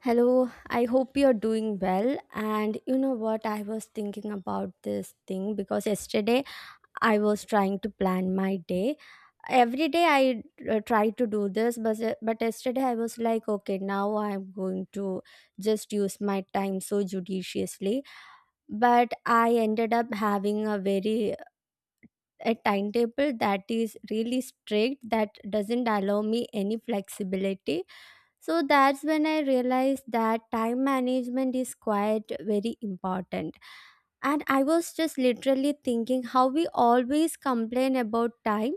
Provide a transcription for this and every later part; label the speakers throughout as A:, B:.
A: Hello, I hope you're doing well. And you know what? I was thinking about this thing because yesterday I was trying to plan my day. Every day I try to do this, but yesterday I was like, okay, now I'm going to just use my time so judiciously. But I ended up having a timetable that is really strict that doesn't allow me any flexibility, so that's when I realized that time management is quite very important. And I was just literally thinking how we always complain about time,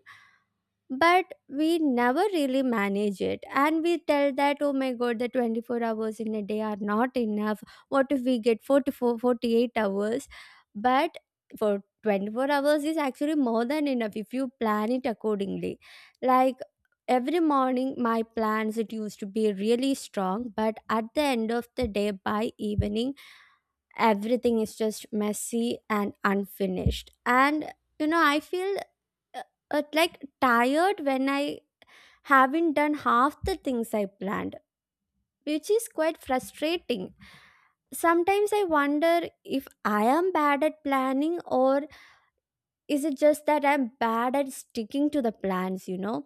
A: but we never really manage it, and we tell that, oh my god, the 24 hours in a day are not enough. What if we get 44, 48 hours? But for 24 hours is actually more than enough if you plan it accordingly. Like every morning my plans, it used to be really strong, but at the end of the day, by evening, everything is just messy and unfinished. And I feel uh, like tired when I haven't done half the things I planned, which is quite frustrating. Sometimes I wonder if I am bad at planning, or is it just that I'm bad at sticking to the plans,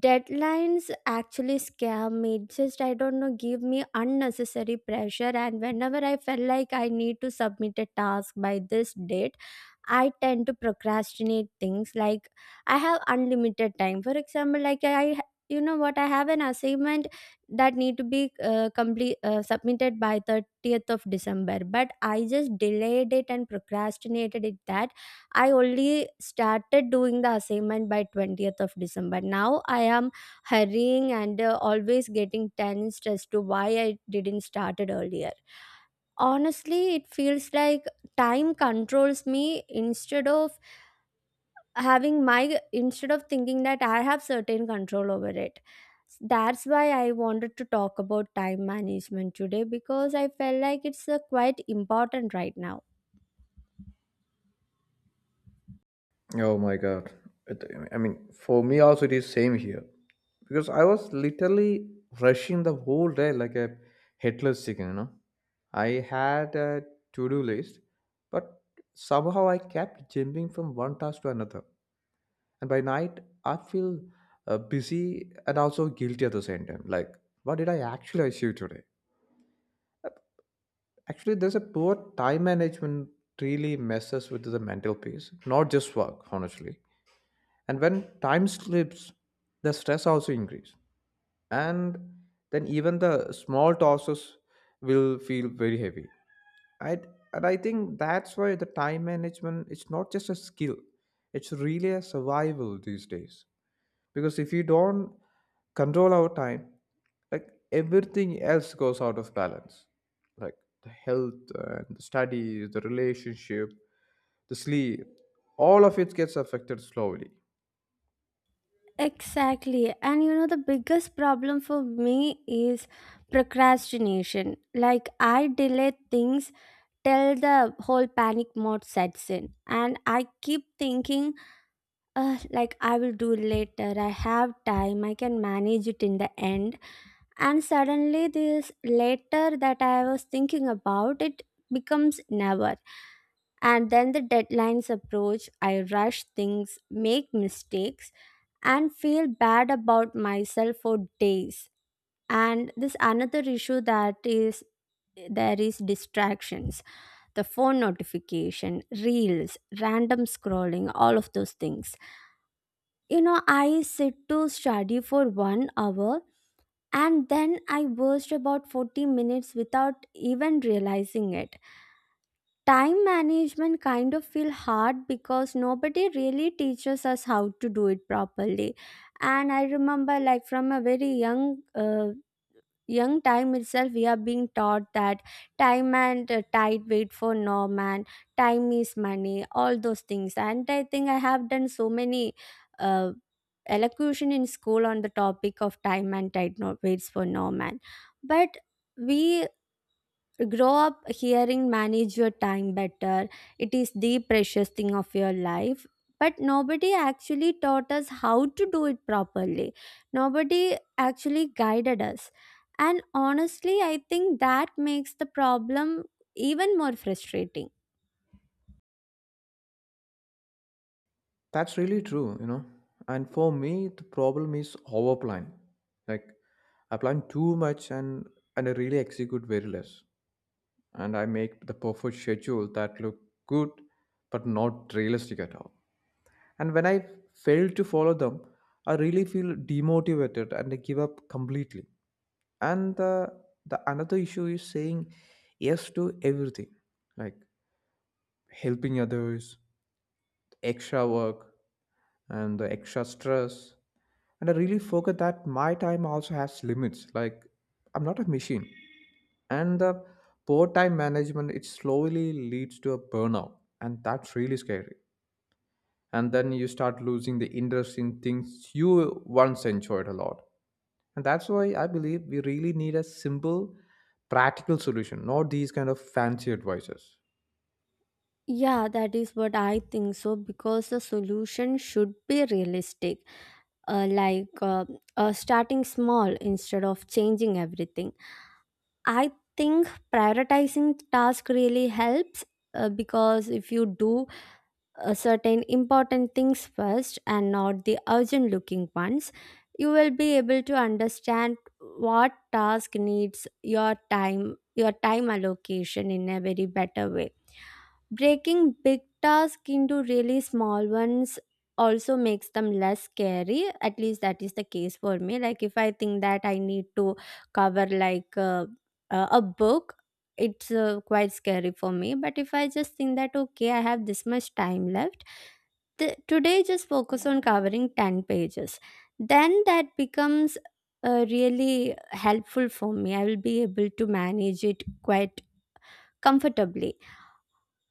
A: Deadlines actually scare me, just, I don't know, give me unnecessary pressure, and whenever I felt like I need to submit a task by this date, I tend to procrastinate things like I have unlimited time. For example, like, I, you know what I have an assignment that need to be complete submitted by 30th of december, but I just delayed it and procrastinated it that I only started doing the assignment by 20th of December. Now I am hurrying and always getting tensed as to why I didn't started earlier. Honestly, it feels like time controls me instead of having my instead of thinking that I have certain control over it. That's why I wanted to talk about time management today, because I felt like it's quite important right now.
B: Oh my god. It, I mean, for me also it is same here because I was literally rushing the whole day like a headless chicken. I had a to-do list, but somehow I kept jumping from one task to another. And by night, I feel busy and also guilty at the same time. Like, what did I actually achieve today? Actually, there's a poor time management really messes with the mental peace, not just work, honestly. And when time slips, the stress also increase. And then even the small tosses will feel very heavy. I, and I think that's why the time management is not just a skill, it's really a survival these days. Because if you don't control our time, like everything else goes out of balance like the health and the studies, the relationship, the sleep, all of it gets affected slowly.
A: Exactly. And you know, the biggest problem for me is procrastination. Like, I delay things till the whole panic mode sets in. And I keep thinking, like, I will do later. I have time. I can manage it in the end. And suddenly, this later that I was thinking about, it becomes never. And then the deadlines approach. I rush things, make mistakes, and feel bad about myself for days. And this another issue that is, there is distractions, the phone notification, reels, random scrolling, all of those things. I sit to study for 1 hour, and then I burst about 40 minutes without even realizing it. Time management kind of feel hard because nobody really teaches us how to do it properly. And I remember, like, from a very young time itself, we are being taught that time and tide wait for no man, time is money, all those things. And I think I have done so many uh, elocution in school on the topic of time and tide not waits for no man. But we grow up hearing, manage your time better, it is the precious thing of your life, but nobody actually taught us how to do it properly. Nobody actually guided us. And honestly, I think that makes the problem even more frustrating.
B: That's really true, you know. And for me, the problem is over plan. Like, I plan too much and I really execute very less. And I make the perfect schedule that look good but not realistic at all. And when I fail to follow them, I really feel demotivated and I give up completely. And the another issue is saying yes to everything, like helping others, extra work, and the extra stress, and I really forgot that my time also has limits. Like, I'm not a machine. And the poor time management, it slowly leads to a burnout, and that's really scary. And then you start losing the interest in things you once enjoyed a lot. And that's why I believe we really need a simple practical solution, not these kind of fancy advices.
A: Yeah, that is what I think so, because the solution should be realistic. Like starting small instead of changing everything. I think prioritizing task really helps, because if you do certain important things first and not the urgent looking ones, you will be able to understand what task needs your time allocation in a very better way. Breaking big tasks into really small ones also makes them less scary. At least that is the case for me. Like if I think that I need to cover like a book, it's quite scary for me. But if I just think that, okay, I have this much time left, today just focus on covering 10 pages. Then that becomes really helpful for me. I will be able to manage it quite comfortably.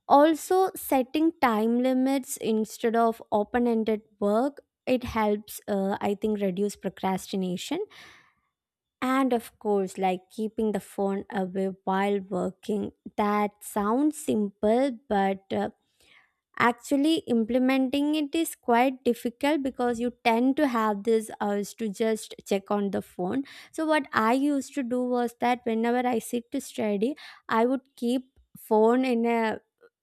A: Also, setting time limits instead of open-ended work, it helps, I think, reduce procrastination. And of course, like keeping the phone away while working, that sounds simple, but actually implementing it is quite difficult because you tend to have this urge to just check on the phone. So what I used to do was that whenever I sit to study, I would keep phone in a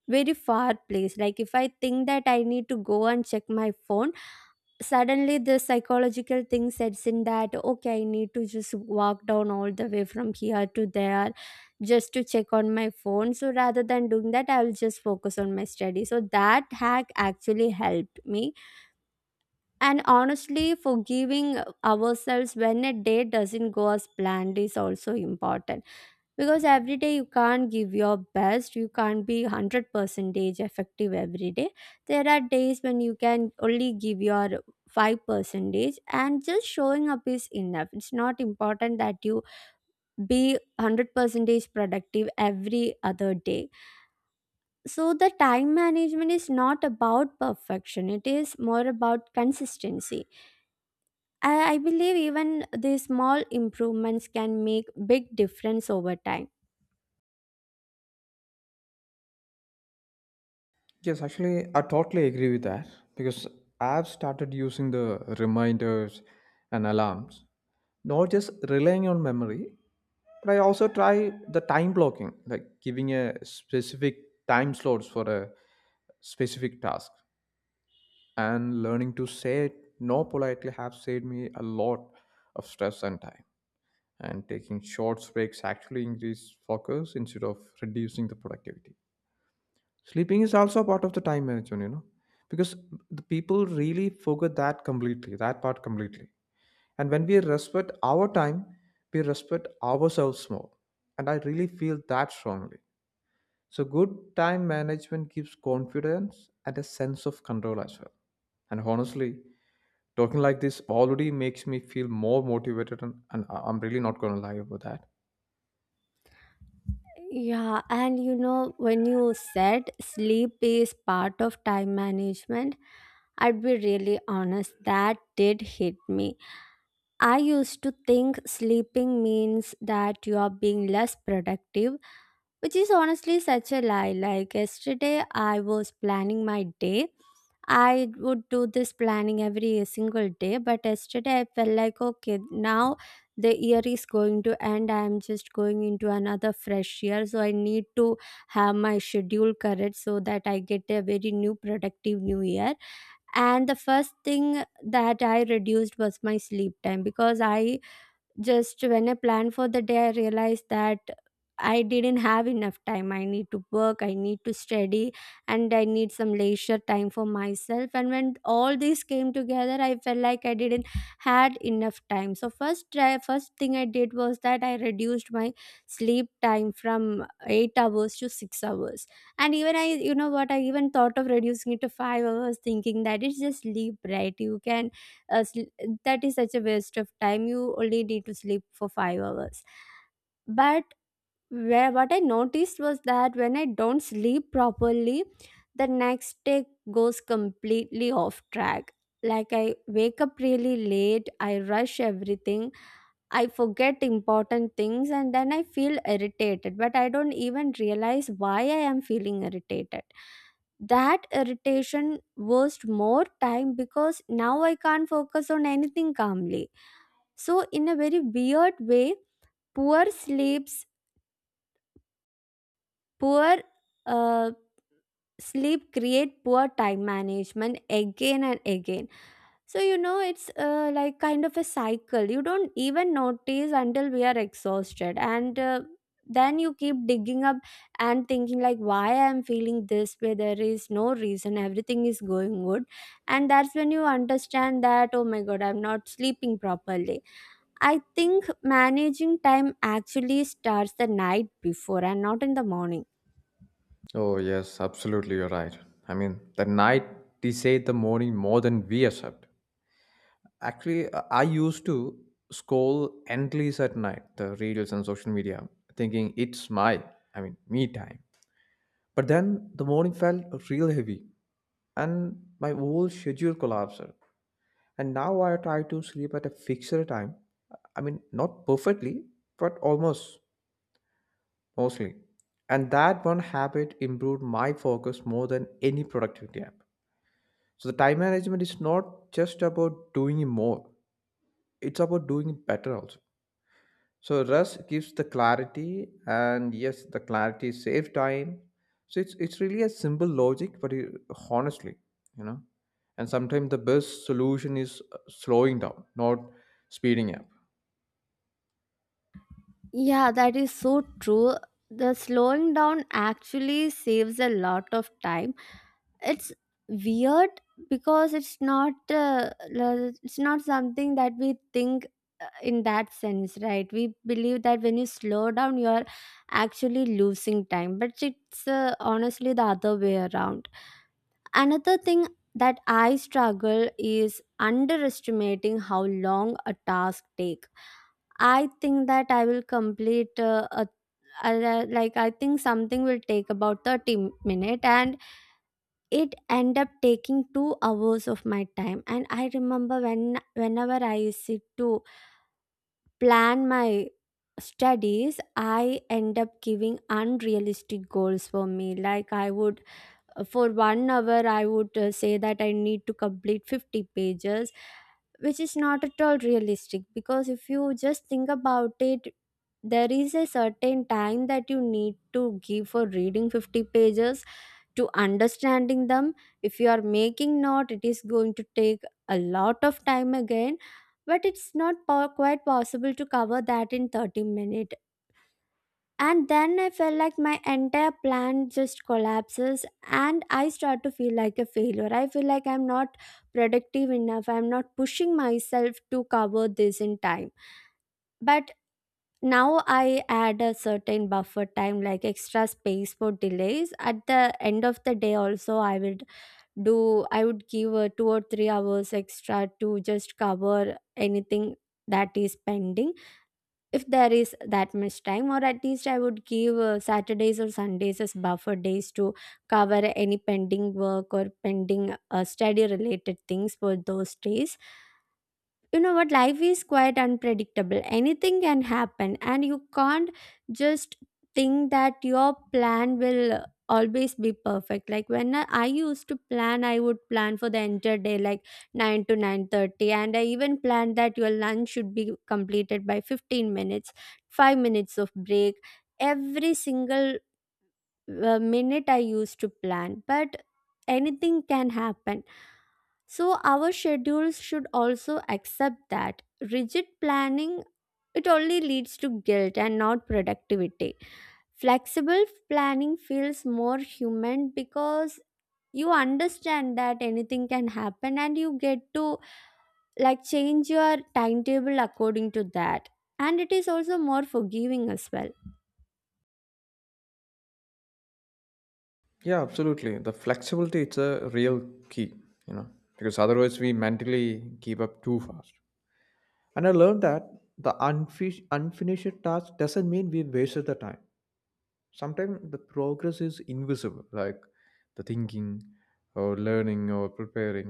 A: very far place. Like if I think that I need to go and check my phone, suddenly the psychological thing sets in that, okay, I need to just walk down all the way from here to there just to check on my phone. So rather than doing that, I'll just focus on my study. So that hack actually helped me. And honestly, forgiving ourselves when a day doesn't go as planned is also important, because every day you can't give your best. You can't be 100 percentage effective every day. There are days when you can only give your 5 percentage and just showing up is enough. It's not important that you be 100 percentage productive every other day. So the time management is not about perfection, it is more about consistency. I believe even the small improvements can make big difference over time.
B: Yes, actually, I totally agree with that because I've started using the reminders and alarms, not just relying on memory, but I also try the time blocking, like giving a specific time slots for a specific task. And learning to say no politely have saved me a lot of stress and time. And taking short breaks actually increase focus instead of reducing the productivity. Sleeping is also part of the time management, you know, because the people really forget that completely, that part completely. And when we respect our time, we respect ourselves more. And I really feel that strongly. So, good time management gives confidence and a sense of control as well. And honestly, talking like this already makes me feel more motivated, and I'm really not going to lie about that.
A: Yeah, and you know, when you said sleep is part of time management, I'd be really honest, that did hit me. I used to think sleeping means that you are being less productive, which is honestly such a lie. Like yesterday, I was planning my day. I would do this planning every single day, but yesterday I felt like, okay, now the year is going to end. I'm just going into another fresh year. So I need to have my schedule correct so that I get a very new, productive new year. And the first thing that I reduced was my sleep time, because I just, when I plan for the day, I realized that I didn't have enough time. I need to work, I need to study, and I need some leisure time for myself. And when all these came together, I felt like I didn't had enough time. So first, first thing I did was that I reduced my sleep time from 8 hours to 6 hours. And even I, you know what, I even thought of reducing it to 5 hours, thinking that it's just sleep, right? You can uh, sl- that is such a waste of time, you only need to sleep for 5 hours. But where, what I noticed was that when I don't sleep properly, the next day goes completely off track. Like I wake up really late, I rush everything, I forget important things, and then I feel irritated, but I don't even realize why I am feeling irritated. That irritation wastes more time because now I can't focus on anything calmly. So, in a very weird way, poor sleeps, poor uh, sleep create poor time management again and again. So, you know, it's like kind of a cycle you don't even notice until we are exhausted. And then you keep digging up and thinking, like, why I'm feeling this way, there is no reason, everything is going good. And that's when you understand that, oh my god, I'm not sleeping properly. I think managing time actually starts the night before and not in the morning.
B: Oh, yes, absolutely, you're right. I mean, the night decide the morning more than we accept. Actually, I used to scroll endless at night, the reels and social media, thinking I mean, me time. But then the morning felt real heavy and my whole schedule collapsed. And now I try to sleep at a fixed time. I mean, not perfectly, but almost, mostly. And that one habit improved my focus more than any productivity app. So the time management is not just about doing more, it's about doing it better also. So Rust gives the clarity, and yes, the clarity saves time. So it's really a simple logic, but it, honestly, you know, and sometimes the best solution is slowing down, not speeding up.
A: Yeah, that is so true. The slowing down actually saves a lot of time. It's weird because it's not it's not something that we think in that sense, right? We believe that when you slow down, you are actually losing time, but it's honestly the other way around. Another thing that I struggle is underestimating how long a task takes. I think that I will complete like, I think something will take about 30 minutes, and it end up taking 2 hours of my time. And I remember whenever I used to plan my studies, I end up giving unrealistic goals for me. Like I would, for one hour I would say that I need to complete 50 pages, which is not at all realistic, because if you just think about it, there is a certain time that you need to give for reading 50 pages, to understanding them. If you are making note, it is going to take a lot of time again. But it's not po- quite possible to cover that in 30 minutes. And then I felt like my entire plan just collapses, and I start to feel like a failure. I feel like I'm not productive enough, I'm not pushing myself to cover this in time. But now I add a certain buffer time, like extra space for delays. At the end of the day, also, I would give 2 or 3 hours extra to just cover anything that is pending if there is that much time, or at least I would give Saturdays or Sundays as buffer days to cover any pending work or pending study related things for those days. You know what, life is quite unpredictable. Anything can happen and you can't just think that your plan will always be perfect. Like, when I used to plan, I would plan for the entire day like 9 to 9:30, and I even planned that your lunch should be completed by 15 minutes, 5 minutes of break, every single the minute I used to plan, but anything can happen. So our schedules should also accept that rigid planning, it only leads to guilt and not productivity. Flexible planning feels more human because you understand that anything can happen and you get to like change your timetable according to that. And it is also more forgiving as well.
B: Yeah, absolutely. The flexibility, it's a real key, you know, because otherwise we mentally give up too fast. And I learned that the unfinished task doesn't mean we wasted the time. Sometimes the progress is invisible, like the thinking or learning or preparing.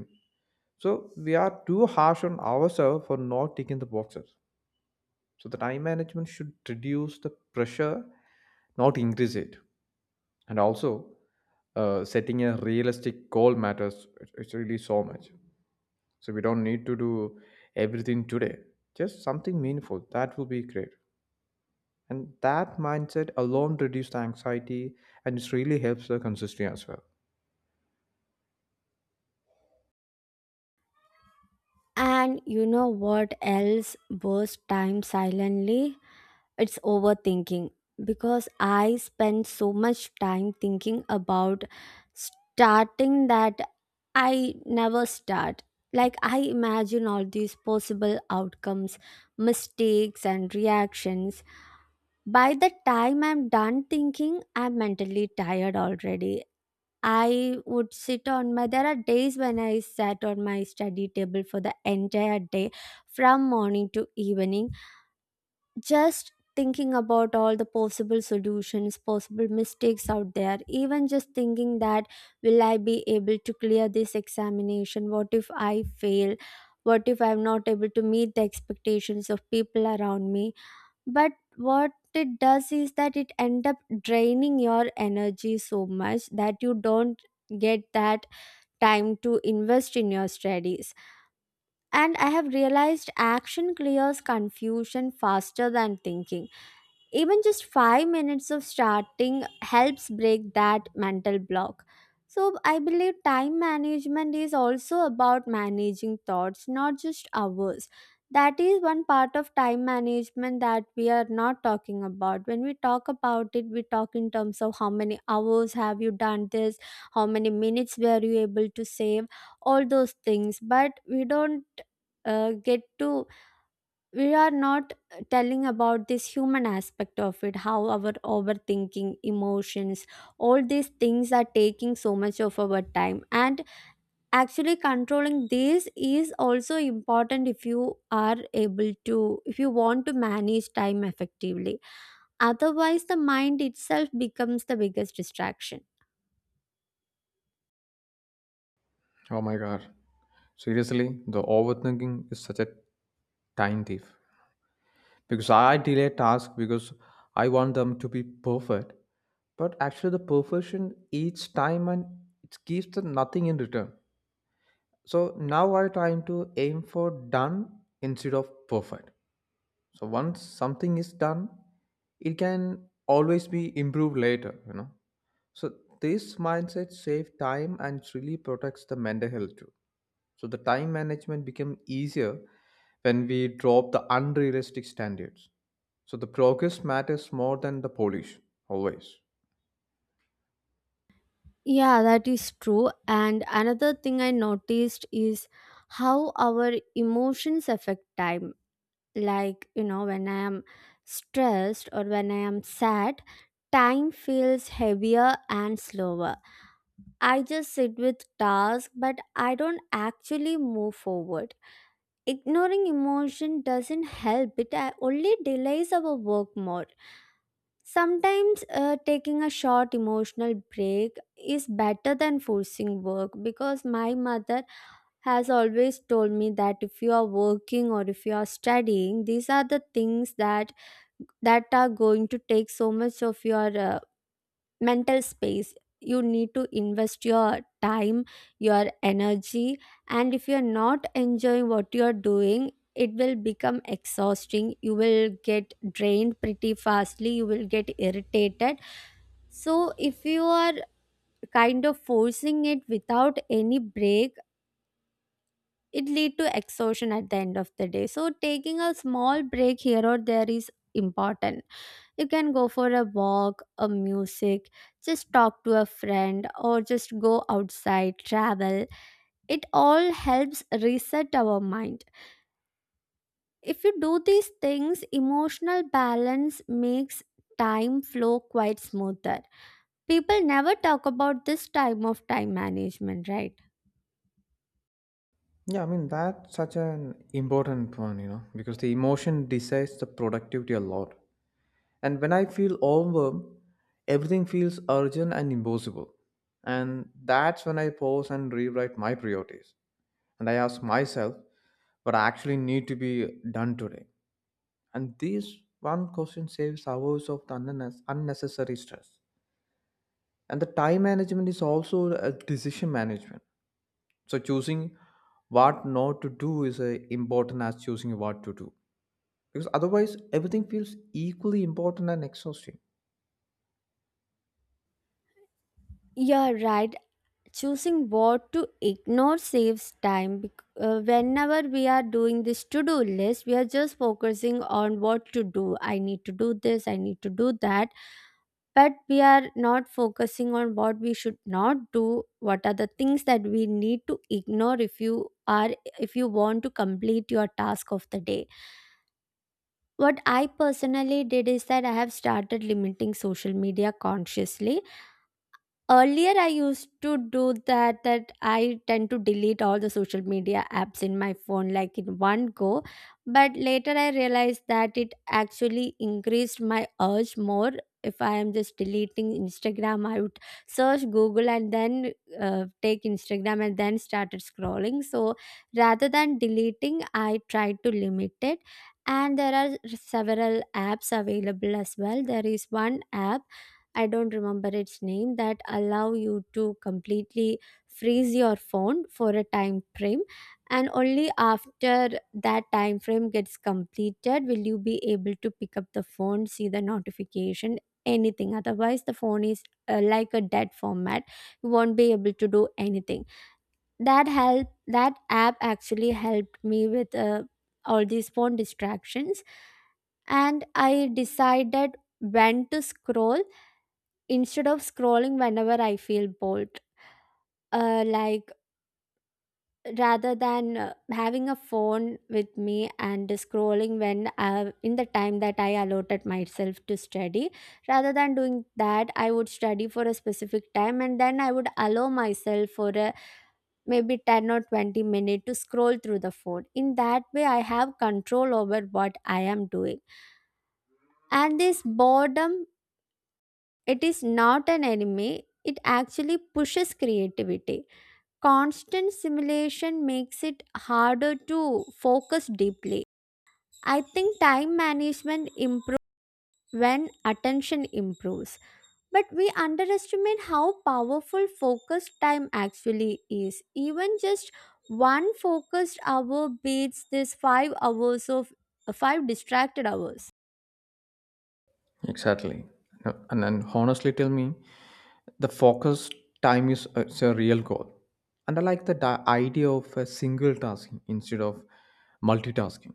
B: So we are too harsh on ourselves for not ticking the boxes. So the time management should reduce the pressure, not increase it. And also, setting a realistic goal matters. It's really so much. So we don't need to do everything today, just something meaningful that will be great. And that mindset alone reduces the anxiety, and it really helps the consistency as well.
A: And you know what else burst time silently? It's overthinking. Because I spend so much time thinking about starting that I never start. Like, I imagine all these possible outcomes, mistakes, and reactions. By the time I'm done thinking, I'm mentally tired already. I would sit on my. There are days when I sat on my study table for the entire day, from morning to evening, just thinking about all the possible solutions, possible mistakes out there. Even just thinking that, will I be able to clear this examination? What if I fail? What if I'm not able to meet the expectations of people around me? But what it does is that it end up draining your energy so much that you don't get that time to invest in your studies. And I have realized action clears confusion faster than thinking. Even just 5 minutes of starting helps break that mental block. So, I believe time management is also about managing thoughts, not just hours. That is one part of time management that we are not talking about. When we talk about it, we talk in terms of how many hours have you done this, how many minutes were you able to save, all those things. But we don't get to we are not telling about this human aspect of it, how our overthinking, emotions, all these things are taking so much of our time. And actually controlling this is also important if you are able to if you want to manage time effectively, otherwise the mind itself becomes the biggest distraction.
B: Oh my god. Seriously, the overthinking is such a time thief. Because I delay tasks because I want them to be perfect. But actually the perfection eats time and it gives them nothing in return. So now I trying to aim for done instead of perfect. So once something is done, it can always be improved later, you know. So this mindset saves time and it really protects the mental health too. So the time management became easier when we drop the unrealistic standards. So the progress matters more than the polish, always.
A: Yeah, that is true, and another thing I noticed is how our emotions affect time. Like, you know, when I am stressed or when I am sad, time feels heavier and slower. I just sit with tasks but I don't actually move forward. Ignoring emotion doesn't help, it only delays our work more. Sometimes taking a short emotional break is better than forcing work, because my mother has always told me that if you are working or if you are studying, these are the things that are going to take so much of your mental space. You need to invest your time, your energy, and if you're not enjoying what you're doing, it will become exhausting. You will get drained pretty fastly, you will get irritated. So if you are kind of forcing it without any break, it lead to exhaustion at the end of the day. So taking a small break here or there is important. You can go for a walk, a music, just talk to a friend, or just go outside, travel. It all helps reset our mind. If you do these things, emotional balance makes time flow quite smoother. People never talk about this time of time management, right?
B: Yeah, I mean that's such an important one, you know, because the emotion decides the productivity a lot. And when I feel overwhelmed, everything feels urgent and impossible. And that's when I pause and rewrite my priorities. And I ask myself, what I actually need to be done today. And this one question saves hours of unnecessary stress. And the time management is also a decision management. So choosing what not to do is important as choosing what to do. Because otherwise, everything feels equally important and exhausting.
A: You're right. Choosing what to ignore saves time. Whenever we are doing this to do list, we are just focusing on what to do. I need to do this, I need to do that. But we are not focusing on what we should not do, what are the things that we need to ignore if you are if you want to complete your task of the day. What I personally did is that I have started limiting social media consciously. Earlier I used to do that I tend to delete all the social media apps in my phone like in one go, but later I realized that it actually increased my urge more. If I am just deleting Instagram, I would search Google and then take Instagram and then started scrolling. So rather than deleting, I tried to limit it. And there are several apps available as well. There is one app, I don't remember its name, that allow you to completely freeze your phone for a time frame, and only after that time frame gets completed will you be able to pick up the phone, see the notification, anything. Otherwise the phone is like a dead format, you won't be able to do anything. That app actually helped me with all these phone distractions. And I decided when to scroll instead of scrolling whenever I feel bored. Like, rather than having a phone with me and scrolling when in the time that I allotted myself to study, rather than doing that, I would study for a specific time and then I would allow myself for a maybe 10 or 20 minute to scroll through the phone. In that way, I have control over what I am doing. And this boredom, it is not an enemy. It actually pushes creativity. Constant simulation makes it harder to focus deeply. I think time management improves when attention improves, but we underestimate how powerful focused time actually is. Even just one focused hour beats this 5 hours of 5 distracted hours.
B: Exactly. And then honestly tell me, the focus time it's a real goal. And I like the idea of a single tasking instead of multitasking.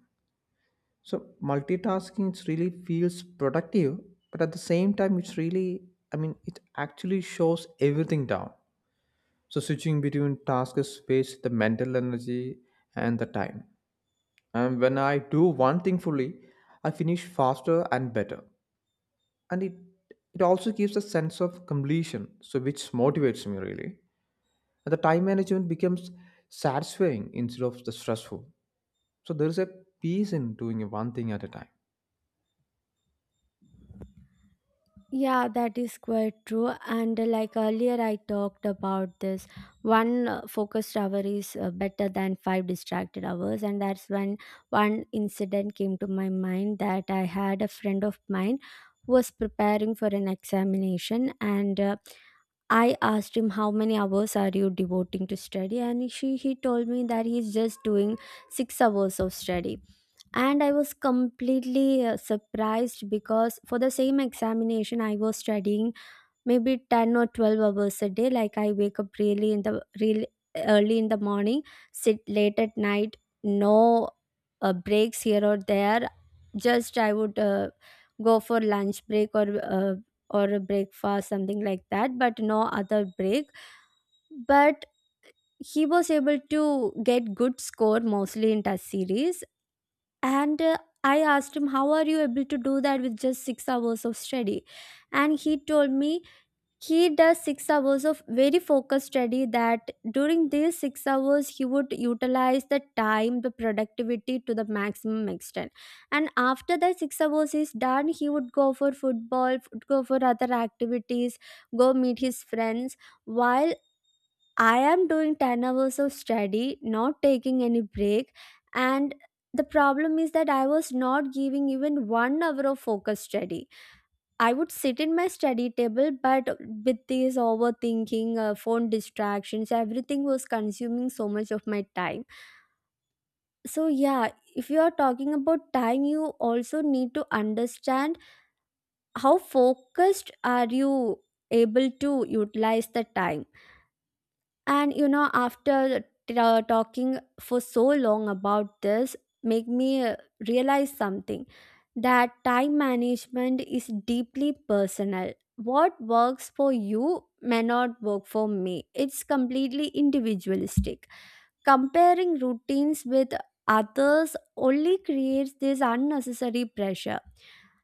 B: So multitasking it really feels productive, but at the same time, it's really, I mean, it actually shows everything down. So switching between tasks wastes the mental energy and the time. And when I do one thing fully, I finish faster and better. And it also gives a sense of completion, so which motivates me really. And the time management becomes satisfying instead of the stressful. So there is a peace in doing one thing at a time.
A: Yeah, that is quite true. And like earlier, I talked about this one focused hour is better than five distracted hours. And that's when one incident came to my mind, that I had a friend of mine who was preparing for an examination. And I asked him how many hours are you devoting to study, and she he told me that he's just doing 6 hours of study. And I was completely surprised, because for the same examination I was studying maybe 10 or 12 hours a day. Like, I wake up really early in the morning, sit late at night, no breaks here or there. Just I would go for lunch break or a breakfast, something like that, but no other break. But he was able to get good score mostly in test series. And I asked him how are you able to do that with just 6 hours of study. And he told me he does 6 hours of very focused study, that during these 6 hours he would utilize the time, the productivity to the maximum extent. And after that 6 hours is done, he would go for go for other activities, go meet his friends. While I am doing 10 hours of study, not taking any break. And the problem is that I was not giving even one hour of focus study. I would sit in my study table, but with this overthinking, phone distractions, everything was consuming so much of my time. So, yeah, if you are talking about time, you also need to understand how focused are you able to utilize the time. And you know, after talking for so long about this, make me realize something, that time management is deeply personal. What works for you may not work for me. It's completely individualistic. Comparing routines with others only creates this unnecessary pressure.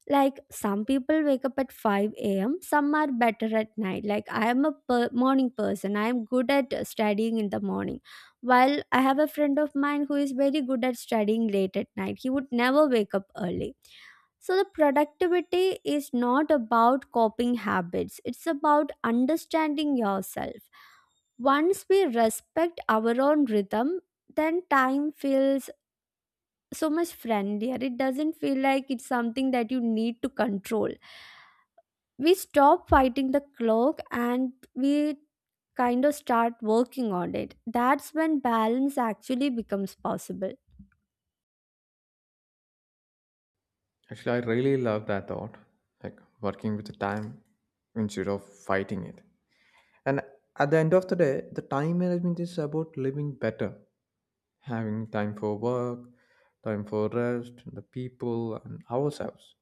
A: Like, some people wake up at 5 a.m., some are better at night. Like, I am a morning person, I am good at studying in the morning, while I have a friend of mine who is very good at studying late at night, he would never wake up early. So the productivity is not about copying habits, it's about understanding yourself. Once we respect our own rhythm, then time feels so much friendlier. It doesn't feel like it's something that you need to control. We stop fighting the clock and we kind of start working on it. That's when balance actually becomes possible.
B: Actually, I really love that thought, like working with the time instead of fighting it. And at the end of the day, the time management is about living better, having time for work, time for rest, the people, and ourselves.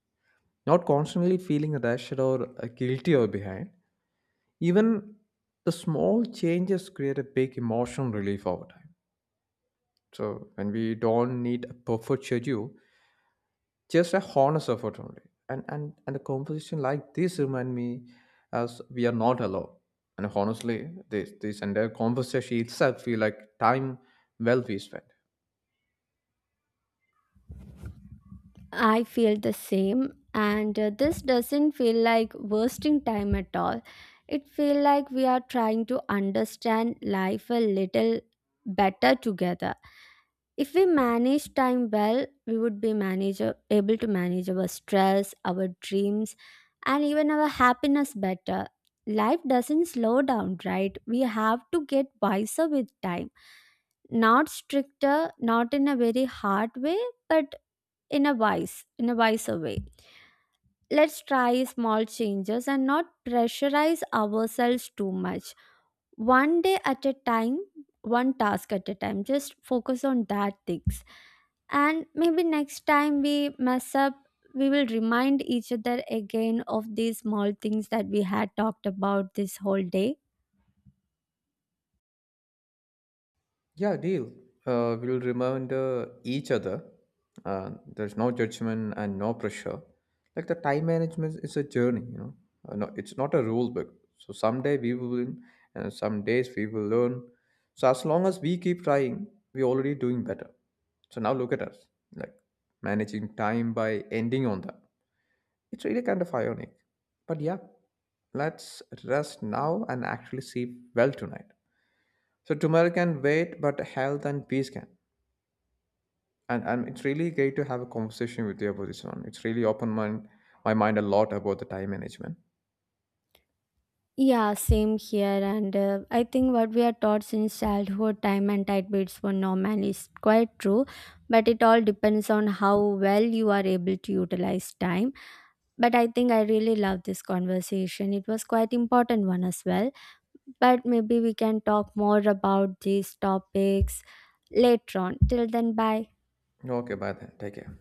B: Not constantly feeling rushed or guilty or behind. Even the small changes create a big emotional relief over time. So when we don't need a perfect schedule, just a honest effort only. And a composition like this remind me as we are not alone. And honestly, this entire conversation itself feel like time well we spent.
A: I feel the same, and this doesn't feel like wasting time at all. It feels like we are trying to understand life a little better together. If we manage time well, we would be able to manage our stress, our dreams, and even our happiness better. Life doesn't slow down, right? We have to get wiser with time. Not stricter, not in a very hard way, but in a wiser way. Let's try small changes and not pressurize ourselves too much. One day at a time, one task at a time, just focus on that things. And maybe next time we mess up, we will remind each other again of these small things that we had talked about this whole day.
B: Yeah, deal. We'll remember each other. There's no judgment and no pressure. Like, the time management is a journey, you know. No, it's not a rule book. So someday we will win, and some days we will learn. So as long as we keep trying, we're already doing better. So now look at us, like managing time by ending on that. It's really kind of ironic. But yeah, let's rest now and actually sleep well tonight. So tomorrow can wait, but health and peace can. And it's really great to have a conversation with you about this one. It's really opened my mind a lot about the time management.
A: Yeah, same here. And I think what we are taught since childhood, time and tide beats for normal, is quite true. But it all depends on how well you are able to utilize time. But I think I really love this conversation. It was quite important one as well. But maybe we can talk more about these topics later on. Till then, bye.
B: Okay, bye then. Take care.